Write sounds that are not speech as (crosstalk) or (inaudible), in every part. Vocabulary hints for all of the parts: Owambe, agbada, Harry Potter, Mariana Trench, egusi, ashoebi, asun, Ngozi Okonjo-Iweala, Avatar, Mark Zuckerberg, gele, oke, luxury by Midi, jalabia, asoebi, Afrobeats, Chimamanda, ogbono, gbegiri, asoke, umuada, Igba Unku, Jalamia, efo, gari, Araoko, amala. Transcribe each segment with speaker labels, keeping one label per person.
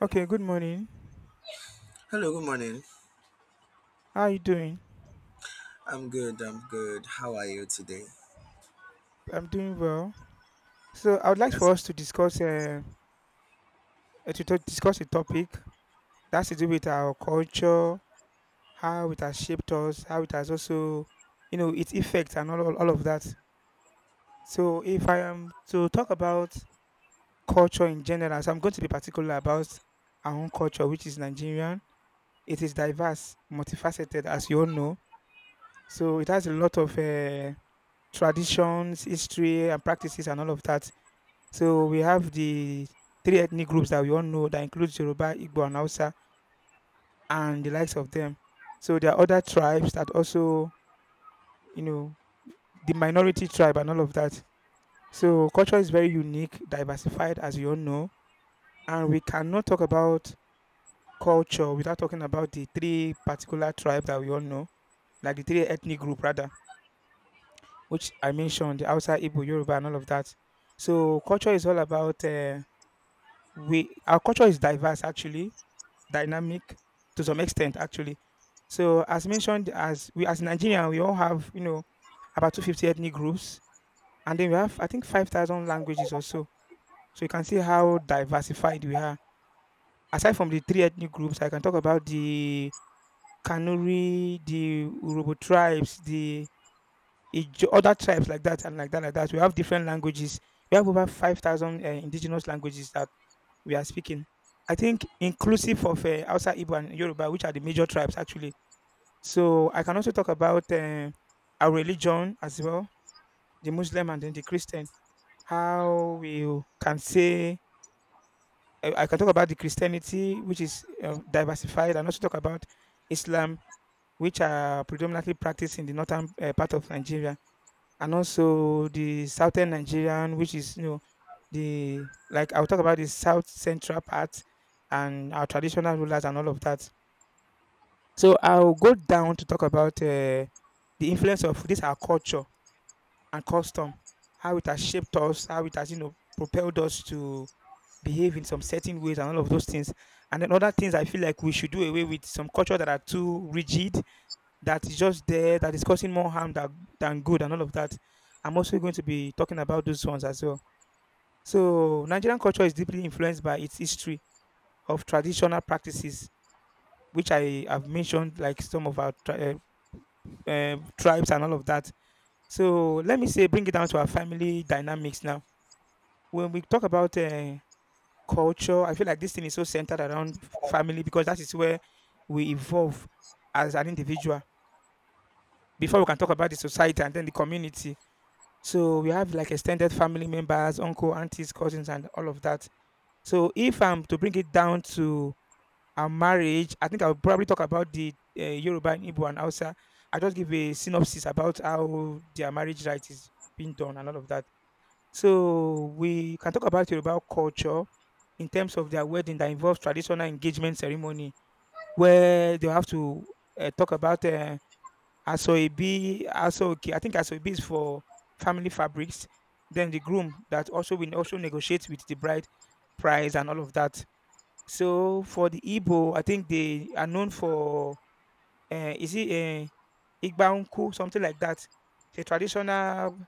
Speaker 1: Okay, good morning.
Speaker 2: Hello, good morning.
Speaker 1: How are you doing?
Speaker 2: I'm good. I'm good. How are you today?
Speaker 1: I'm doing well. So I would like for
Speaker 2: That's
Speaker 1: us to discuss discuss a topic that's to do with our culture, how it has shaped us, how it has also, you know, its effects and all of that. So if I am to talk about culture in general, so I'm going to be particular about our own culture, which is Nigerian. It is diverse, multifaceted, as you all know. So it has a lot of traditions, history, and practices, and all of that. So we have the three ethnic groups that we all know that includes Yoruba, Igbo and Hausa and the likes of them. So there are other tribes that also, you know, the minority tribe and all of that. So culture is very unique, diversified as you all know, and we cannot talk about culture without talking about the three particular tribe that we all know, like the three ethnic group rather, which I mentioned, the Hausa, Igbo, Yoruba and all of that. So culture is all about we our culture is diverse actually dynamic to some extent actually. So as mentioned, as we as Nigerian, we all have you know about 250 ethnic groups, and then we have I think 5,000 languages or so. So you can see how diversified we are. Aside from the three ethnic groups, I can talk about the Kanuri, the Urobo tribes, the Ijo, other tribes like that and like that. We have different languages. We have over 5,000 indigenous languages that we are speaking. I think inclusive of outside Igbo and Yoruba, which are the major tribes actually. So I can also talk about our religion as well, the Muslim and then the Christian. How we can say I can talk about the Christianity, which is diversified, and also talk about Islam, which are predominantly practiced in the northern part of Nigeria, and also the southern Nigerian, which is you know the like I'll talk about the south central part and our traditional rulers and all of that. So I'll go down to talk about the influence of this our culture and custom, how it has shaped us, how it has, you know, propelled us to behave in some certain ways and all of those things. And then other things I feel like we should do away with some culture that are too rigid, that is just there, that is causing more harm than good and all of that. I'm also going to be talking about those ones as well. So Nigerian culture is deeply influenced by its history of traditional practices, which I have mentioned, like some of our tribes and all of that. So let me say, bring it down to our family dynamics now. When we talk about culture, I feel like this thing is so centered around family because that is where we evolve as an individual before we can talk about the society and then the community. So we have like extended family members, uncle, aunties, cousins, and all of that. So if I'm to bring it down to a marriage, I think I'll probably talk about the Yoruba, Igbo, and Hausa. I just give a synopsis about how their marriage right is being done and all of that. So we can talk about Yoruba culture in terms of their wedding that involves traditional engagement ceremony where they have to talk about asoebi, asoke. I think asoebi is for family fabrics. Then the groom that also will also negotiate with the bride price and all of that. So for the Igbo, I think they are known for is it Igba Unku, something like that. It's a traditional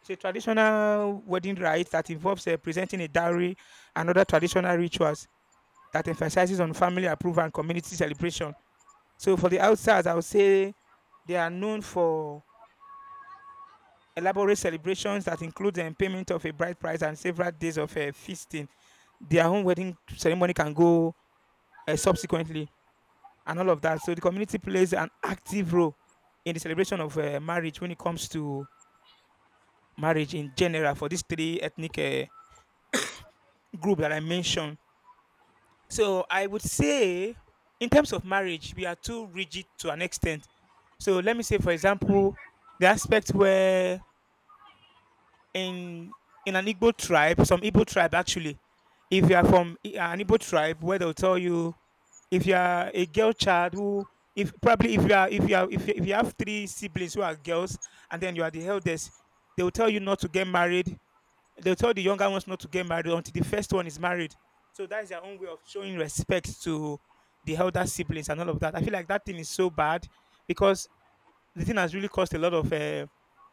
Speaker 1: it's a traditional wedding rite that involves presenting a dowry and other traditional rituals that emphasizes on family approval and community celebration. So for the outsiders, I would say they are known for elaborate celebrations that include the payment of a bride price and several days of feasting. Their own wedding ceremony can go subsequently and all of that. So the community plays an active role in the celebration of marriage when it comes to marriage in general for these three ethnic group that I mentioned. So I would say, in terms of marriage, we are too rigid to an extent. So let me say, for example, the aspect where in in an Igbo tribe, some Igbo tribe actually, if you are from an Igbo tribe, where they'll tell you if you are a girl child who if probably if you have three siblings who are girls and then you are the eldest, they will tell you not to get married. They'll tell the younger ones not to get married until the first one is married. So that is their own way of showing respect to the elder siblings and all of that. I feel like that thing is so bad because the thing has really caused a lot of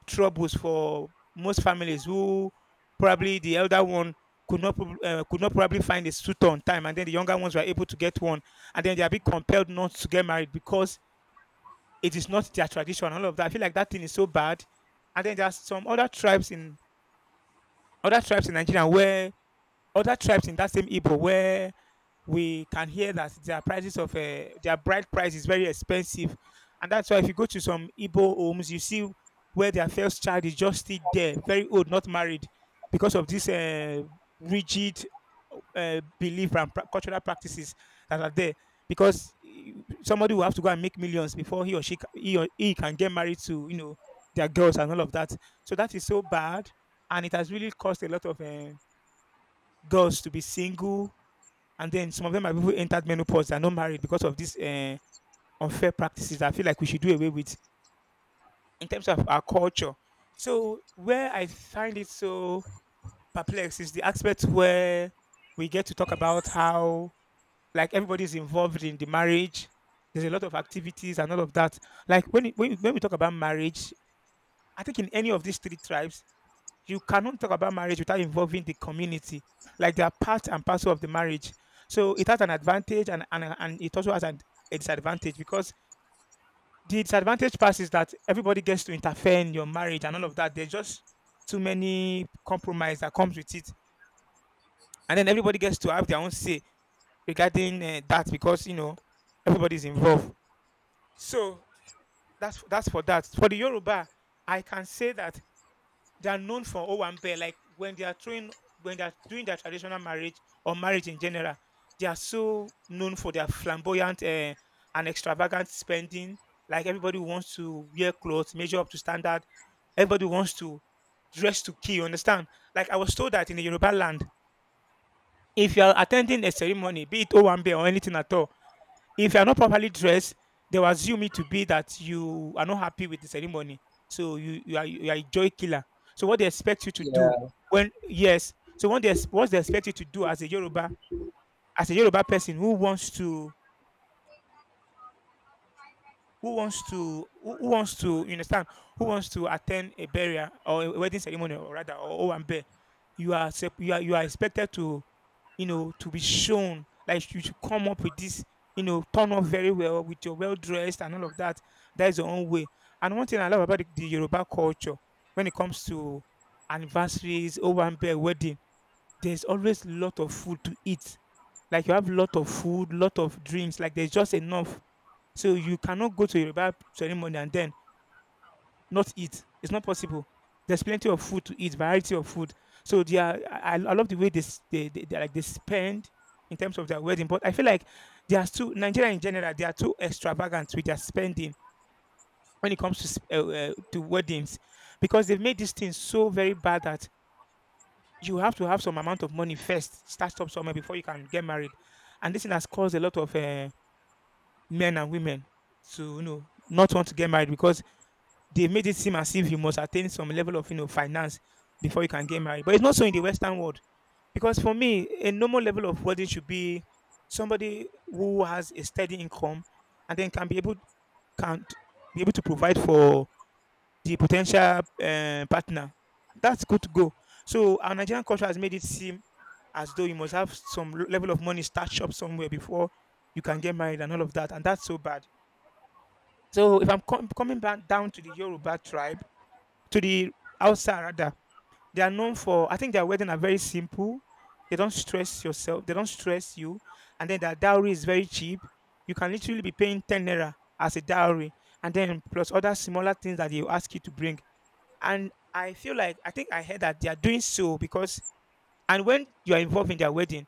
Speaker 1: troubles for most families who probably the elder one could not probably find a suitor on time, and then the younger ones were able to get one, and then they are being compelled not to get married because it is not their tradition. And all of that. I feel like that thing is so bad. And then there are some other tribes in Nigeria where other tribes in that same Igbo where we can hear that their prices of their bride price is very expensive. And that's why if you go to some Igbo homes, you see where their first child is just still there, very old, not married, because of this rigid belief and cultural practices that are there. Because somebody will have to go and make millions before he or she ca- he, or he can get married to you know their girls and all of that. So that is so bad, and it has really caused a lot of girls to be single, and then some of them are people who entered menopause and not married because of these unfair practices. I feel like we should do away with in terms of our culture. So where I find it so perplexed is the aspect where we get to talk about how like everybody's involved in the marriage. There's a lot of activities and all of that. Like when we talk about marriage, I think in any of these three tribes, you cannot talk about marriage without involving the community. Like they are part and parcel of the marriage. So it has an advantage and it also has a disadvantage because the disadvantage part is that everybody gets to interfere in your marriage and all of that. There's just too many compromise that comes with it, and then everybody gets to have their own say regarding that because you know everybody's involved. So that's for that. For the Yoruba, I can say that they are known for Owambe. Like when they are throwing, when they are doing their traditional marriage or marriage in general, they are so known for their flamboyant and extravagant spending. Like everybody wants to wear clothes, measure up to standard. Everybody wants to dress to kill. You understand? Like I was told that in the Yoruba land, if you are attending a ceremony, be it Owambe or anything at all, if you are not properly dressed, they will assume it to be that you are not happy with the ceremony. So you are a joy killer. So what they expect you to do
Speaker 2: Yeah,
Speaker 1: when yes, so what they ex- what they expect you to do as a Yoruba person who wants to who wants to you understand who wants to attend a burial or a wedding ceremony or rather or owambe you are expected to you know to be shown like you should come up with this you know turn up very well with your well dressed and all of that. That is your own way. And one thing I love about the Yoruba culture when it comes to anniversaries, owambe, wedding, there's always lot of food to eat. Like you have lot of food, lot of drinks, like there's just enough. So you cannot go to a Yoruba ceremony and then not eat. It's not possible. There's plenty of food to eat, variety of food. So they are, I love the way they like they spend in terms of their wedding. But I feel like they are too Nigeria in general. They are too extravagant with their spending when it comes to to weddings, because they've made this thing so very bad that you have to have some amount of money first, start up somewhere before you can get married, and this thing has caused a lot of men and women to, you know, not want to get married because they made it seem as if you must attain some level of, you know, finance before you can get married. But it's not so in the Western world. Because for me, a normal level of wedding should be somebody who has a steady income and then can be able can t- be able to provide for the potential partner. That's good to go. So our Nigerian culture has made it seem as though you must have some level of money stashed up somewhere before you can get married and all of that, and that's so bad. So if I'm coming back down to the Yoruba tribe, to the outside rather. They are known for, I think, their wedding are very simple. They don't stress yourself, they don't stress you, and then their dowry is very cheap. You can literally be paying 10 naira as a dowry, and then plus other smaller things that they will ask you to bring. And I feel like I think I heard that they are doing so because, and when you are involved in their wedding,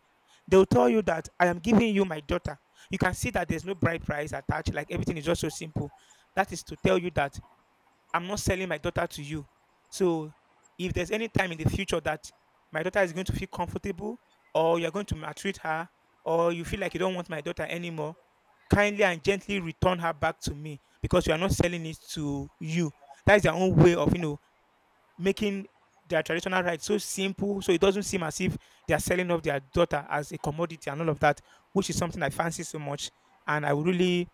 Speaker 1: they will tell you that I am giving you my daughter. You can see that there's no bride price attached, like everything is just so simple. That is to tell you that I'm not selling my daughter to you. So if there's any time in the future that my daughter is going to feel comfortable or you're going to maltreat her or you feel like you don't want my daughter anymore, kindly and gently return her back to me, because you are not selling it to you. That is their own way of, you know, making their traditional rights so simple, so it doesn't seem as if they are selling off their daughter as a commodity and all of that, which is something I fancy so much. And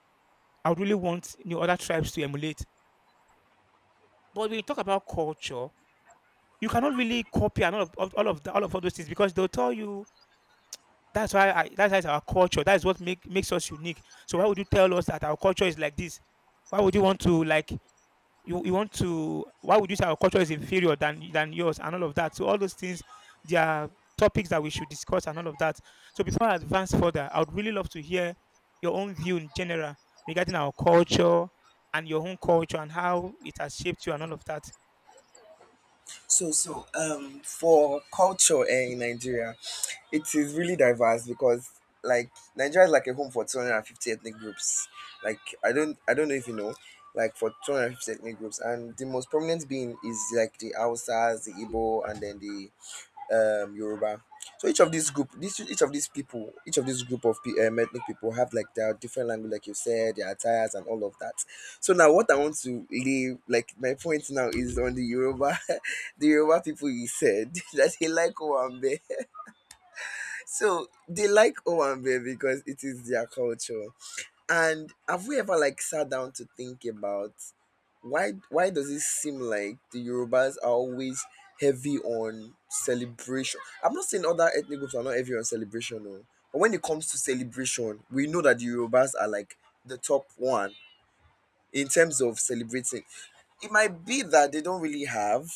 Speaker 1: I would really want you other tribes to emulate. But when you talk about culture, you cannot really copy and all of the, all of all those things, because they'll tell you that's why it's our culture. That's what makes us unique. So why would you tell us that our culture is like this? Why would you want to like you want to why would you say our culture is inferior than yours and all of that? So all those things, they are topics that we should discuss and all of that. So before I advance further, I would really love to hear your own view in general regarding our culture and your own culture and how it has shaped you and all of that.
Speaker 2: so for culture in Nigeria, it is really diverse because like Nigeria is like a home for 250 ethnic groups. Like I don't know if you know, like for 250 ethnic groups, and the most prominent being is like the Hausas, the Igbo, and then the Yoruba. So each of these group, this each of these people, each of these group of ethnic people have like their different language, like you said, their attires and all of that. So now, what I want to leave, like my point now is on the Yoruba, (laughs) the Yoruba people. You said (laughs) that they like Owambe, so they like Owambe because it is their culture. And have we ever like sat down to think about why does it seem like the Yorubas are always heavy on celebration? I'm not saying other ethnic groups are not heavy on celebration, no. But when it comes to celebration, we know that the Yorubas are like the top one in terms of celebrating. It might be that they don't really have,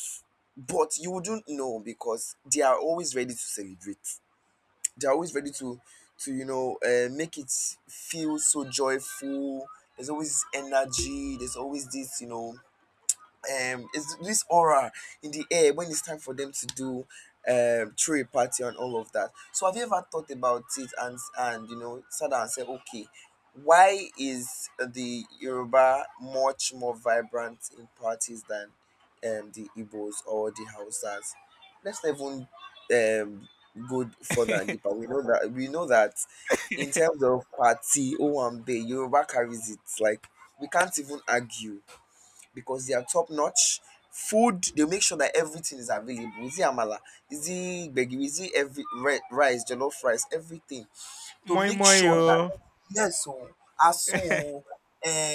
Speaker 2: but you wouldn't know because they are always ready to celebrate. They're always ready to make it feel so joyful. There's always energy. There's always this you know it's this aura in the air when it's time for them to do throw a party and all of that. So have you ever thought about it, and sat down and said, okay, why is the Yoruba much more vibrant in parties than the Igbos or the Hausas? Let's not even um go further and
Speaker 1: (laughs)
Speaker 2: deeper. We know that in terms of party, Owambe, Yoruba carries it. Like, we can't even argue because they are top notch. Food, they make sure that everything is available. Is it amala? Is it gbegiri? Is it rice, jollof rice, everything to
Speaker 1: Moi
Speaker 2: make
Speaker 1: moi
Speaker 2: sure.
Speaker 1: oh.
Speaker 2: Yes o, asun
Speaker 1: (laughs)
Speaker 2: o,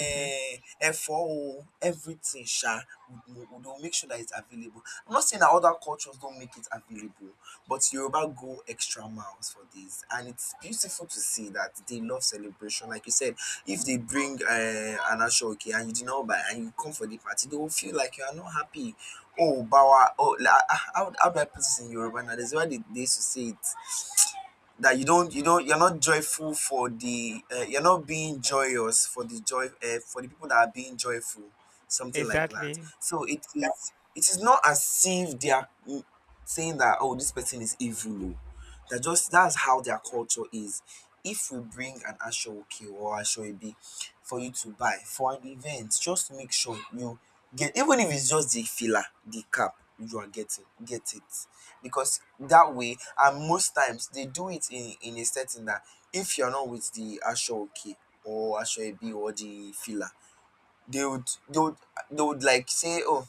Speaker 1: Mhm.
Speaker 2: efo o, everything sha we will make sure that it's available. I'm not saying that other cultures don't make it available, but Yoruba go extra miles for this, and it's beautiful to see that they love celebration. Like you said, if they bring an oke and you did not buy and you come for the party, they will feel like you are not happy. Oh bawa oh la ah, how do I put this in Yoruba now? There's why they used to say it that you're not joyful for the you're not being joyous for the people that are being joyful, something like that.
Speaker 1: Exactly.
Speaker 2: So it is not as if they are saying that, oh, this person is evil oh. That's how their culture is. If we bring an ashoke or ashoebi for you to buy for an event, just make sure you get, even if it's just the filler, the cap you are getting, get it, because that way, and most times they do it in a setting that if you're not with the Asho or Asho or the filler, they would they would they would like say, oh,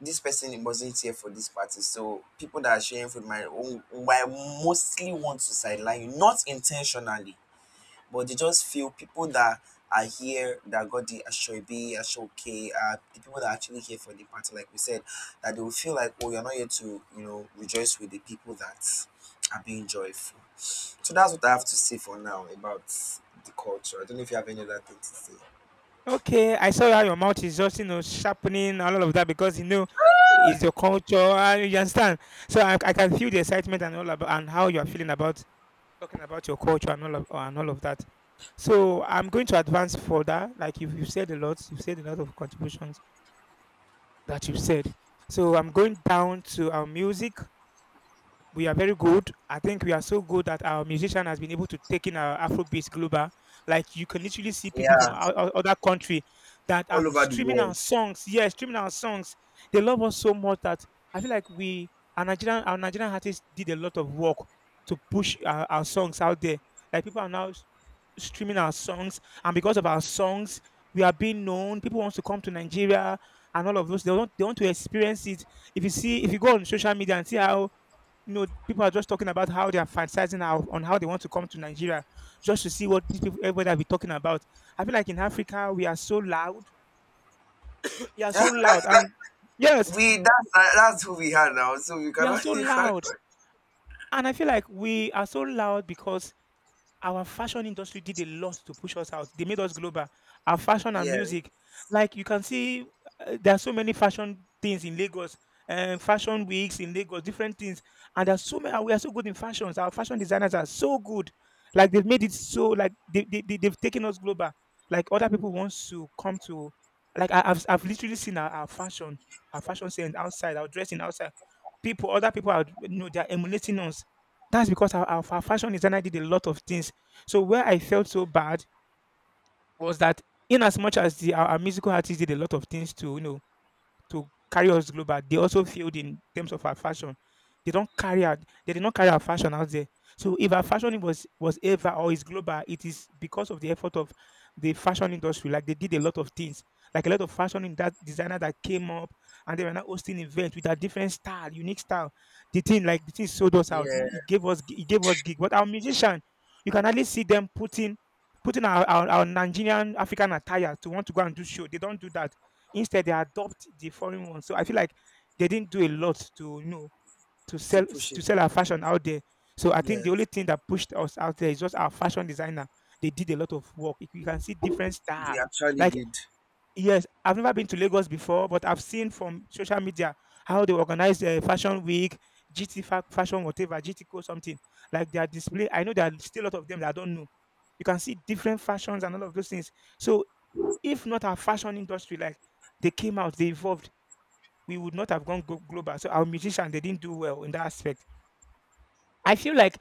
Speaker 2: this person wasn't here for this party. So people that are sharing food might mostly want to sideline you, not intentionally, but they just feel people that are here that got the Ashoibi, Ashoke, the people that are actually here for the party, like we said, that they will feel like, oh, you're not here to rejoice with the people that are being joyful. So that's what I have to say for now about the culture. I don't know if you have any other thing to say.
Speaker 1: Okay, I saw how your mouth is just, you know, sharpening and all of that, because you know it's your culture. You understand? So I can feel the excitement and all about and how you are feeling about talking about your culture and all of that. So I'm going to advance further. Like you've said a lot, you've said a lot of contributions that you've said. So I'm going down to our music. We are very good. I think we are so good that our musician has been able to take in our Afrobeats global. Like you can literally see people from
Speaker 2: Yeah,
Speaker 1: other country that are
Speaker 2: all over the
Speaker 1: streaming our
Speaker 2: world. (laughs)
Speaker 1: songs. Yeah, streaming our songs. They love us so much that I feel like we our Nigerian artists did a lot of work to push our songs out there. Like people are now streaming our songs, and because of our songs, we are being known. People want to come to Nigeria and all of those. They want to experience it. If you see, if you go on social media and see how, you know, people are just talking about how they are fantasizing on how they want to come to Nigeria just to see what these people everybody will be talking about. I feel like in Africa we are so loud. We are so
Speaker 2: Yeah,
Speaker 1: loud, and yes,
Speaker 2: we that's who we are now. So we
Speaker 1: we are
Speaker 2: cannot,
Speaker 1: so
Speaker 2: (laughs) you cannot.
Speaker 1: loud. And I feel like we are so loud because our fashion industry did a lot to push us out. They made us global. Our fashion and
Speaker 2: Yeah,
Speaker 1: music, like you can see, there are so many fashion things in Lagos, and fashion weeks in Lagos, different things. And there's so many. We are so good in fashions. Our fashion designers are so good. Like they've made it so like they they've taken us global. Like other people wants to come to. Like I've literally seen our fashion sense outside, our dressing outside, people, other people are, you know, they're emulating us. That's because our fashion designer did a lot of things. So where I felt so bad was that, in as much as our musical artist did a lot of things to, you know, to carry us global, they also failed in terms of our fashion. They don't carry out. They did not carry our fashion out there. So if our fashion was ever or is global, it is because of the effort of the fashion industry. Like they did a lot of things, like a lot of fashion in that designer that came up, and they were now hosting events with a different style, unique style. The thing sold us out.
Speaker 2: yeah,
Speaker 1: It gave us gig. But our musician, you can hardly see them putting putting our Nigerian African attire to want to go and do show. They don't do that. Instead, they adopt the foreign one. So I feel like they didn't do a lot to, you know,
Speaker 2: to push it.
Speaker 1: to sell our fashion out there. So I think the only
Speaker 2: Yes,
Speaker 1: thing that pushed us out there is just our fashion designer. They did a lot of work. You can see different
Speaker 2: they
Speaker 1: style.
Speaker 2: actually
Speaker 1: Like
Speaker 2: did.
Speaker 1: yes, I've never been to Lagos before, but I've seen from social media how they organize a fashion week, fashion whatever, GT code something, like their display. I know there are still a lot of them that I don't know. You can see different fashions and all of those things. So if not our fashion industry, like they came out, they evolved, we would not have gone global. So our musicians, they didn't do well in that aspect. I feel like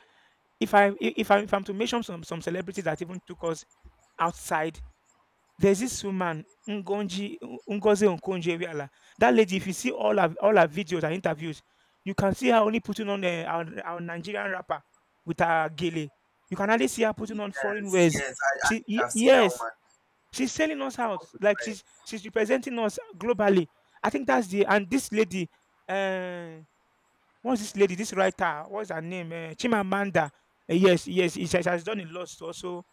Speaker 1: if I I- if I if I'm to mention some celebrities that even took us outside, there's this woman Ngonji Ngozi Okonjo-Iweala. That lady, if you see all her videos and interviews, you can see her only putting on our Nigerian rapper with her gele. You can hardly see her putting on foreign
Speaker 2: Yes,
Speaker 1: wares.
Speaker 2: yes, I, I think I've seen that
Speaker 1: Yes,
Speaker 2: woman.
Speaker 1: she's selling us
Speaker 2: The
Speaker 1: out
Speaker 2: one with
Speaker 1: like
Speaker 2: red.
Speaker 1: she's representing us globally. I think that's the and this lady. eh, Once this lady, this writer, what's her name? Chimamanda. Yes, yes, she has done a lot to also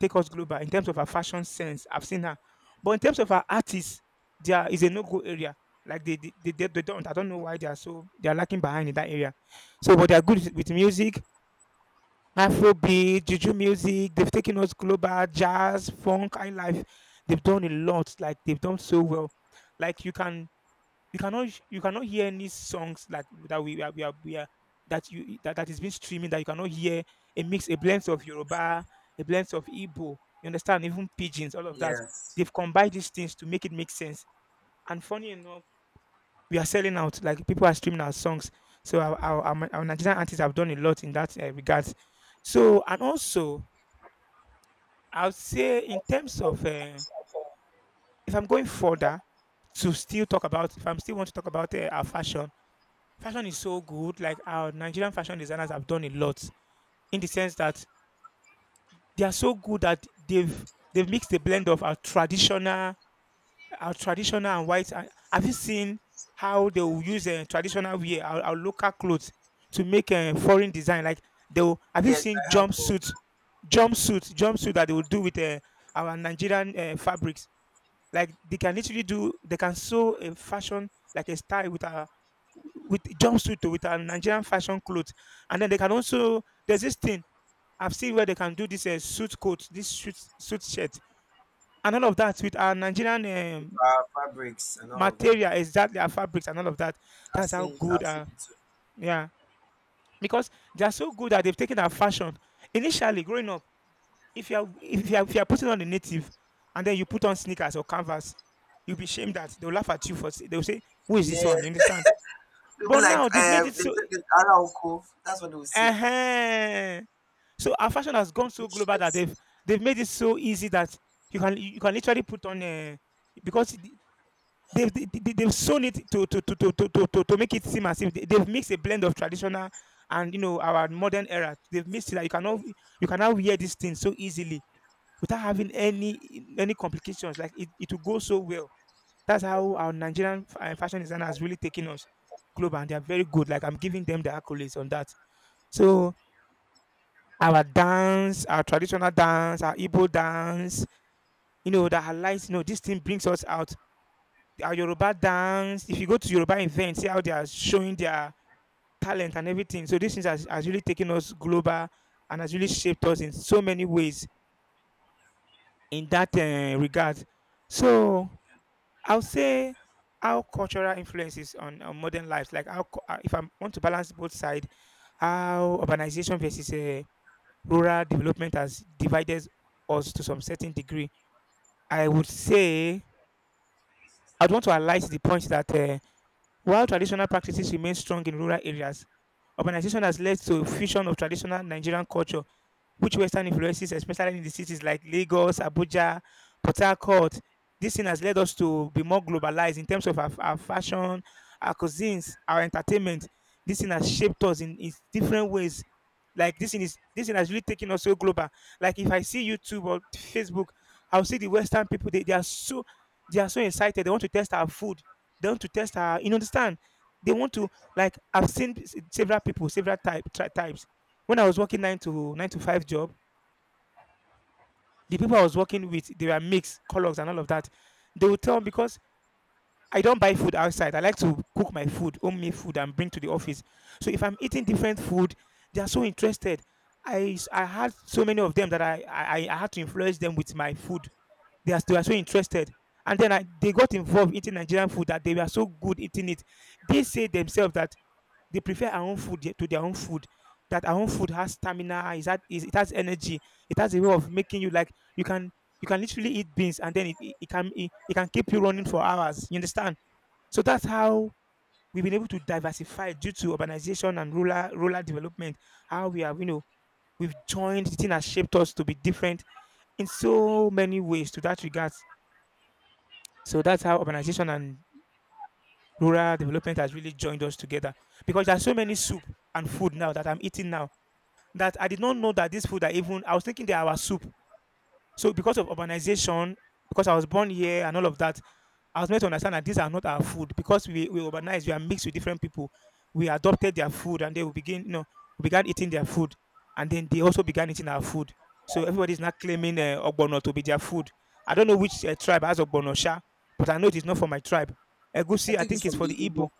Speaker 1: take us global in terms of her fashion sense. I've seen her, but in terms of her artists, there is a no-go area. Like they don't. I don't know why they are so they are lacking behind in that area. So, but they are good with music, Afrobeat, Juju music. They've taken us global, jazz, funk, high life. They've done a lot. Like they've done so well. Like you can you cannot hear any songs like that we are that that is being streaming that you cannot hear a mix, a blend of Yoruba, a blend of Igbo, you understand, even pigeons, all of that,
Speaker 2: Yes,
Speaker 1: they've combined these things to make it make sense. And funny enough, we are selling out, like people are streaming our songs. So our Nigerian artists have done a lot in that regards. So and also I would say in terms of um, if I'm going further to still talk about if I'm still want to talk about our fashion. Fashion is so good. Like our Nigerian fashion designers have done a lot, in the sense that they are so good that they've mixed the blend of our traditional and white. Have you seen how they will use traditional wear, our local clothes, to make a foreign design? Like have you
Speaker 2: yes,
Speaker 1: seen
Speaker 2: I have. Oh,
Speaker 1: jumpsuits, jumpsuit that they will do with our Nigerian fabrics? Like they can sew a fashion like a style with a with a Nigerian fashion clothes, and then they can also there's this thing I've seen where they can do this suit coat, this suit shirt, and all of that with our Nigerian
Speaker 2: with our fabrics and all of that.
Speaker 1: material, exactly our fabrics and all of that.
Speaker 2: I've
Speaker 1: That's how
Speaker 2: seen it.
Speaker 1: good,
Speaker 2: I've
Speaker 1: uh,
Speaker 2: seen it too.
Speaker 1: yeah, because they are so good that they've taken our fashion initially growing up. If you are if you are putting on a native and then you put on sneakers or canvas, you'll be shamed that they'll laugh at you they'll say, "Who is this
Speaker 2: Yeah,
Speaker 1: one?" You understand?
Speaker 2: they were
Speaker 1: But
Speaker 2: like,
Speaker 1: now they've made it
Speaker 2: they
Speaker 1: so.
Speaker 2: said this Araoko. That's what they would say.
Speaker 1: uh So our fashion has gone
Speaker 2: The
Speaker 1: so global that
Speaker 2: space.
Speaker 1: they've made it so easy that you can literally put on a because the- they've sewn it to make it seem as if they've mixed a blend of traditional, and you know, our modern era. They've mixed it that you cannot wear these things so easily without having any complications. Like it will go so well. That's how our Nigerian fashion designer has really taken us global, and they are very good. Like I'm giving them the accolades on that. So our dance, our traditional dance, our Igbo dance, you know, that highlights, you know, this thing brings us out. Our Yoruba dance. If you go to Yoruba events, see how they are showing their talent and everything. So this thing has really taken us global and has really shaped us in so many ways in that regard. So I'll say how cultural influences on modern lives, like if I want to balance both sides, how urbanization versus rural development has divided us to some certain degree. I would say I'd want to highlight the point that while traditional practices remain strong in rural areas, urbanization has led to a fusion of traditional Nigerian culture which Western influences, especially in the cities like Lagos, Abuja, Port Harcourt. This thing has led us to be more globalized in terms of our fashion, our cuisines, our entertainment. This thing has shaped us in different ways. Like this thing has really taken us so global. Like if I see YouTube or Facebook, I'll see the Western people. They are so excited. They want to test our food. They want to test our, you know, understand. They want to like I've seen several people, several types. When I was working 9 to 5 job, the people I was working with, they were mixed colors and all of that. They would tell me because I don't buy food outside. I like to cook my food, homemade food, and bring to the office. So if I'm eating different food, they are so interested. I had so many of them that I had to influence them with my food. They are so interested. And then they got involved eating Nigerian food that they were so good eating it. They say themselves that they prefer our own food to their own food. That our own food has stamina, it has energy, it has a way of making you like you can literally eat beans and then it can keep you running for hours. You understand? So that's how we've been able to diversify due to urbanization and rural development. How we have, you know, we've joined the thing has shaped us to be different in so many ways to that regards. So that's how urbanization and rural development has really joined us together because there are so many soup and food now that I'm eating now that I did not know that this food are even, I was thinking they are soup. So because of urbanization, because I was born here and all of that, I was made to understand that these are not our food because we urbanize, we are mixed with different people. We adopted their food and they will begin, you know, we began eating their food, and then they also began eating our food. So everybody is now claiming ogbono to be their food. I don't know which tribe has ogbono sha, but I know it is not for my tribe.
Speaker 2: I
Speaker 1: Egusi, I
Speaker 2: think it's
Speaker 1: think it's
Speaker 2: from
Speaker 1: for
Speaker 2: the
Speaker 1: the Igbo.
Speaker 2: Igbo.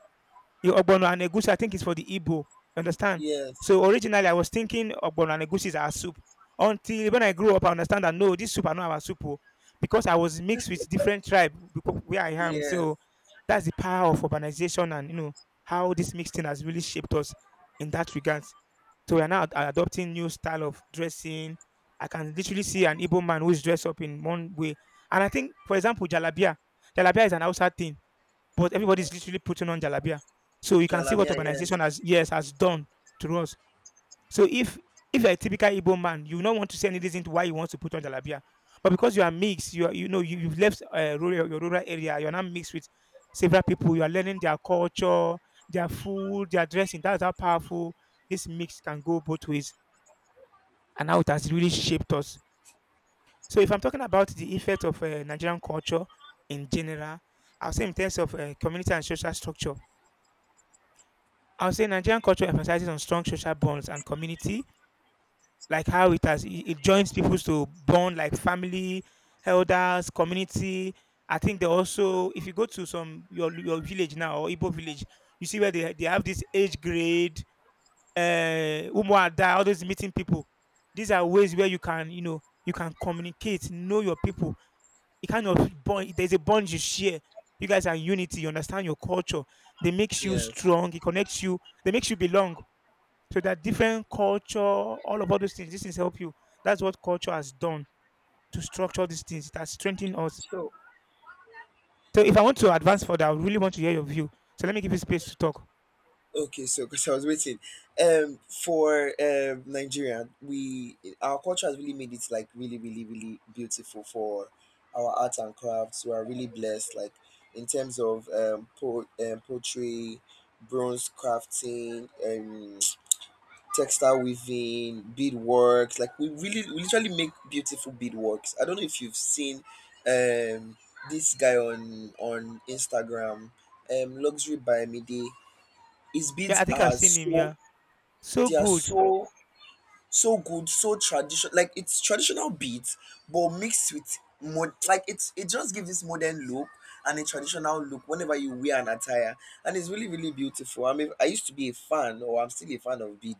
Speaker 1: Yeah, ogbono and egusi, I think it's for the Igbo. Understand?
Speaker 2: Yes,
Speaker 1: So originally, I was thinking ogbono and egusi is our soup. Until when I grew up, I understand that no, this soup are not our soup, oh, because I was mixed with different tribe because where I am.
Speaker 2: yes,
Speaker 1: So that's the power of urbanization and you know how this mixing has really shaped us in that regard. So we are now adopting new style of dressing. I can literally see an Igbo man who is dressed up in one way, and I think, for example, jalabia. Jalabia is an outside thing but everybody's literally putting on jalabia. So you can see what
Speaker 2: Jalamia. Yes,
Speaker 1: urbanization has, yes, has done to us. So if you're a typical Igbo man, you will not want to see any reason to why you want to put on jalabia, but because you are mixed, you are, you know, you've left your rural area, you're now mixed with several people. You are learning their culture, their food, their dressing. That's how powerful this mix can go both ways, and how it has really shaped us. So if I'm talking about the effect of Nigerian culture in general, I'll say in terms of community and social structure, I will say Nigerian culture emphasizes on strong social bonds and community, like how it has it it joins people to bond like family, elders, community. I think they also, if you go to some your village now or Igbo village, you see where they have this age grade, uh, umuada, all those meeting people. These are ways where you can, you know, you can communicate, know your people. It kind of bond. There's a bond you share. You guys are unity. You understand your culture. They makes you
Speaker 2: yes.
Speaker 1: strong. It connects you. They makes you belong so that different culture, all those things, these things help you. That's what culture has done to structure these things. It has strengthened us.
Speaker 2: So.
Speaker 1: So if I want to advance further, I really want to hear your view. So let me give you space to talk.
Speaker 2: Okay, so because I was waiting, for Nigeria, we our culture has really made it like really, really, really beautiful for our art and crafts. We are really blessed, like, in terms of poetry, bronze crafting, (tsk) textile weaving, beadworks. Like we literally make beautiful beadworks. I don't know if you've seen um this guy on Instagram, luxury by Midi. His
Speaker 1: Yeah, I
Speaker 2: beads
Speaker 1: think I've
Speaker 2: are
Speaker 1: seen him.
Speaker 2: so
Speaker 1: Yeah. So
Speaker 2: they are
Speaker 1: good.
Speaker 2: so, so good, so traditional. Like, it's traditional beats, but mixed with mod. Like, it just gives this modern look and a traditional look whenever you wear an attire, and it's really really beautiful. I mean, I used to be a fan, or I'm still a fan of bead,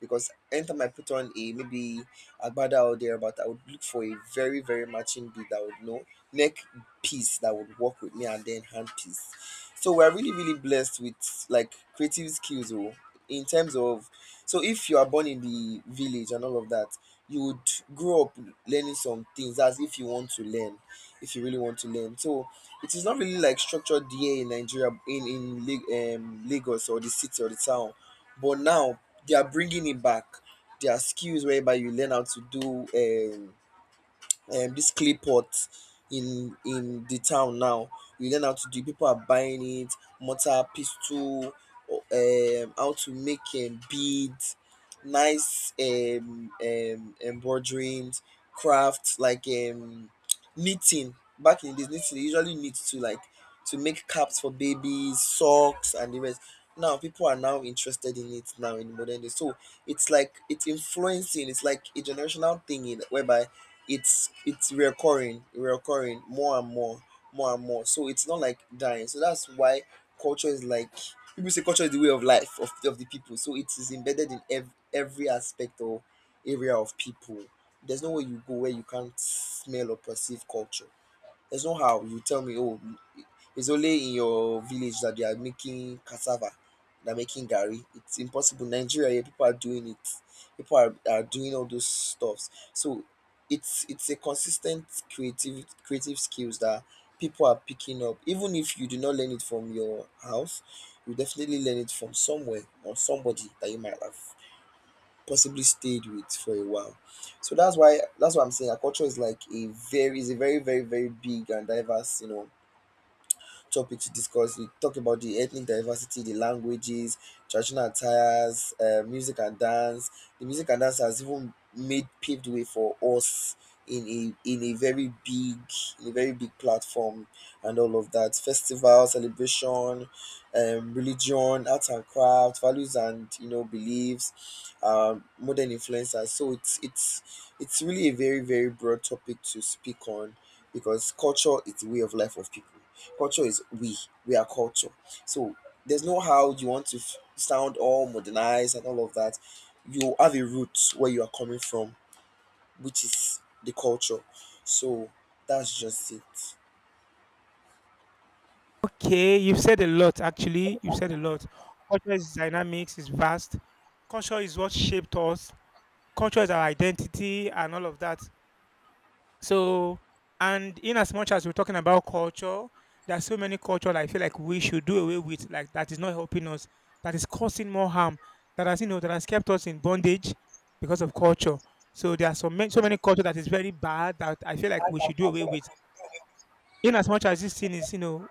Speaker 2: because anytime I put on a maybe agbada or there, but I would look for a very very matching bead that would know neck piece that would work with me, and then hand piece. So we're really really blessed with like creative skills, oh, in terms of, so if you are born in the village and all of that, you would grow up learning some things as if you want to learn, if you really want to learn. So it is not really like structured here in Nigeria, in Lagos or the city or the town. But now they are bringing it back. There are skills whereby you learn how to do. Um, this clay pot in the town now. You learn how to do. People are buying it, mortar, pistol, how to make beads, nice embroiderings, crafts like knitting. Back in this knitting, they usually knit to, like, to make caps for babies, socks, and the rest. Now people are now interested in it now in modern day. So it's like it's influencing. It's like a generational thing in whereby it's recurring more and more so it's not like dying. So that's why culture is like people say culture is the way of life of the people, so it is embedded in every aspect or area of people. There's no way you go where you can't smell or perceive culture. There's no how you tell me, oh, it's only in your village that they are making cassava, they're making gari. It's impossible. Nigeria, yeah, people are doing it. People are doing all those stuffs. So it's a consistent creative skills that people are picking up. Even if you do not learn it from your house, you definitely learn it from somewhere or somebody that you might have possibly stayed with for a while. So that's what I'm saying. Our culture is like a very very very big and diverse, topic to discuss. We talk about the ethnic diversity, the languages, traditional attires, music and dance. The music and dance has even made paved way for us in a in a very big in a very big platform and all of that, festival celebration, religion, arts and craft, values and beliefs, modern influencers. So it's really a very very broad topic to speak on, because culture is the way of life of people. Culture is we. We are culture. So there's no how you want to sound all modernized and all of that. You have a root where you are coming from, which is the culture. So that's just it.
Speaker 1: Okay, you've said a lot actually. You've said a lot. Culture is dynamics, is vast. Culture is what shaped us. Culture is our identity and all of that. So, and in as much as we're talking about culture, there are so many culture that I feel like we should do away with, like that is not helping us, that is causing more harm, that has you know that has kept us in bondage because of culture. So there are so many so many culture that is very bad that I feel like we should do away with. In as much as this thing is, you know,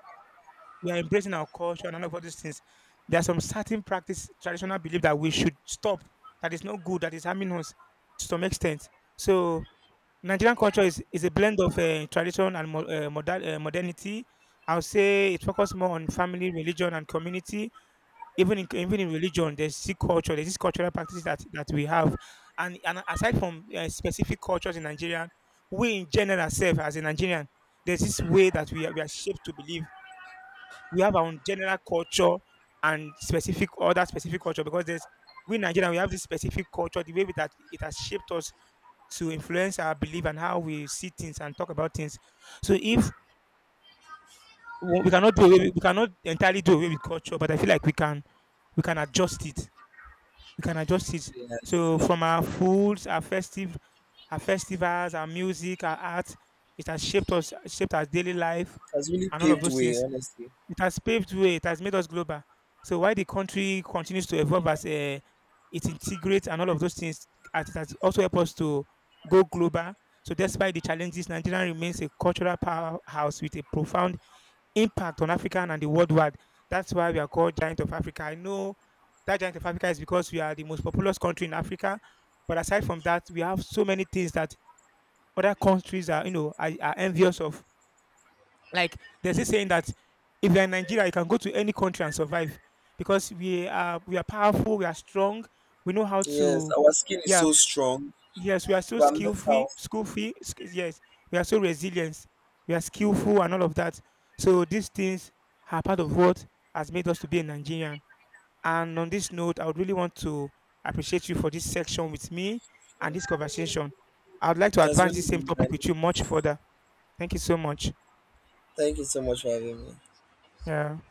Speaker 1: we are embracing our culture and all these things, there are some certain practice, traditional belief that we should stop, that is not good, that is harming us to some extent. So Nigerian culture is a blend of tradition and modern, modernity. I would say it focuses more on family, religion, and community. Even in religion, there's still culture. There's this cultural practices that we have, and aside from specific cultures in Nigeria, we in general self as a Nigerian, there's this way that we are shaped to believe. We have our own general culture and specific other specific culture because there's we in Nigeria we have this specific culture, the way that it has shaped us to influence our belief and how we see things and talk about things. So if we we cannot do away, we cannot entirely do away with culture, but I feel like we can adjust it. We can adjust it.
Speaker 2: Yeah. It
Speaker 1: So from our foods, our festive, our festivals, our music, our art, it has shaped us, shaped our daily life
Speaker 2: has really
Speaker 1: and all of
Speaker 2: paved
Speaker 1: those
Speaker 2: way,
Speaker 1: things.
Speaker 2: honestly.
Speaker 1: It has paved way. It has made us global. So while the country continues to evolve as it integrates and all of those things, as it has also helped us to go global. So despite the challenges, Nigeria remains a cultural powerhouse with a profound impact on African and the worldwide. That's why we are called Giant of Africa. I know that Giant of Africa is because we are the most populous country in Africa. But aside from that, we have so many things that other countries are, you know, are envious of. Like there's this saying that if you're in Nigeria, you can go to any country and survive because we are powerful, we are strong, we know how
Speaker 2: Yes,
Speaker 1: to.
Speaker 2: our skin is
Speaker 1: Yeah,
Speaker 2: so strong.
Speaker 1: yes, we are so
Speaker 2: But are
Speaker 1: skillful,
Speaker 2: metal.
Speaker 1: Yes, we are so resilient, we are skillful, and all of that. So these things are part of what has made us to be a Nigerian. And on this note, I would really want to appreciate you for this section with me and this conversation. I would like to
Speaker 2: That's
Speaker 1: advance
Speaker 2: really
Speaker 1: this same
Speaker 2: been nice.
Speaker 1: topic with you much further. Thank you so much.
Speaker 2: Thank you so much for having me.
Speaker 1: Yeah.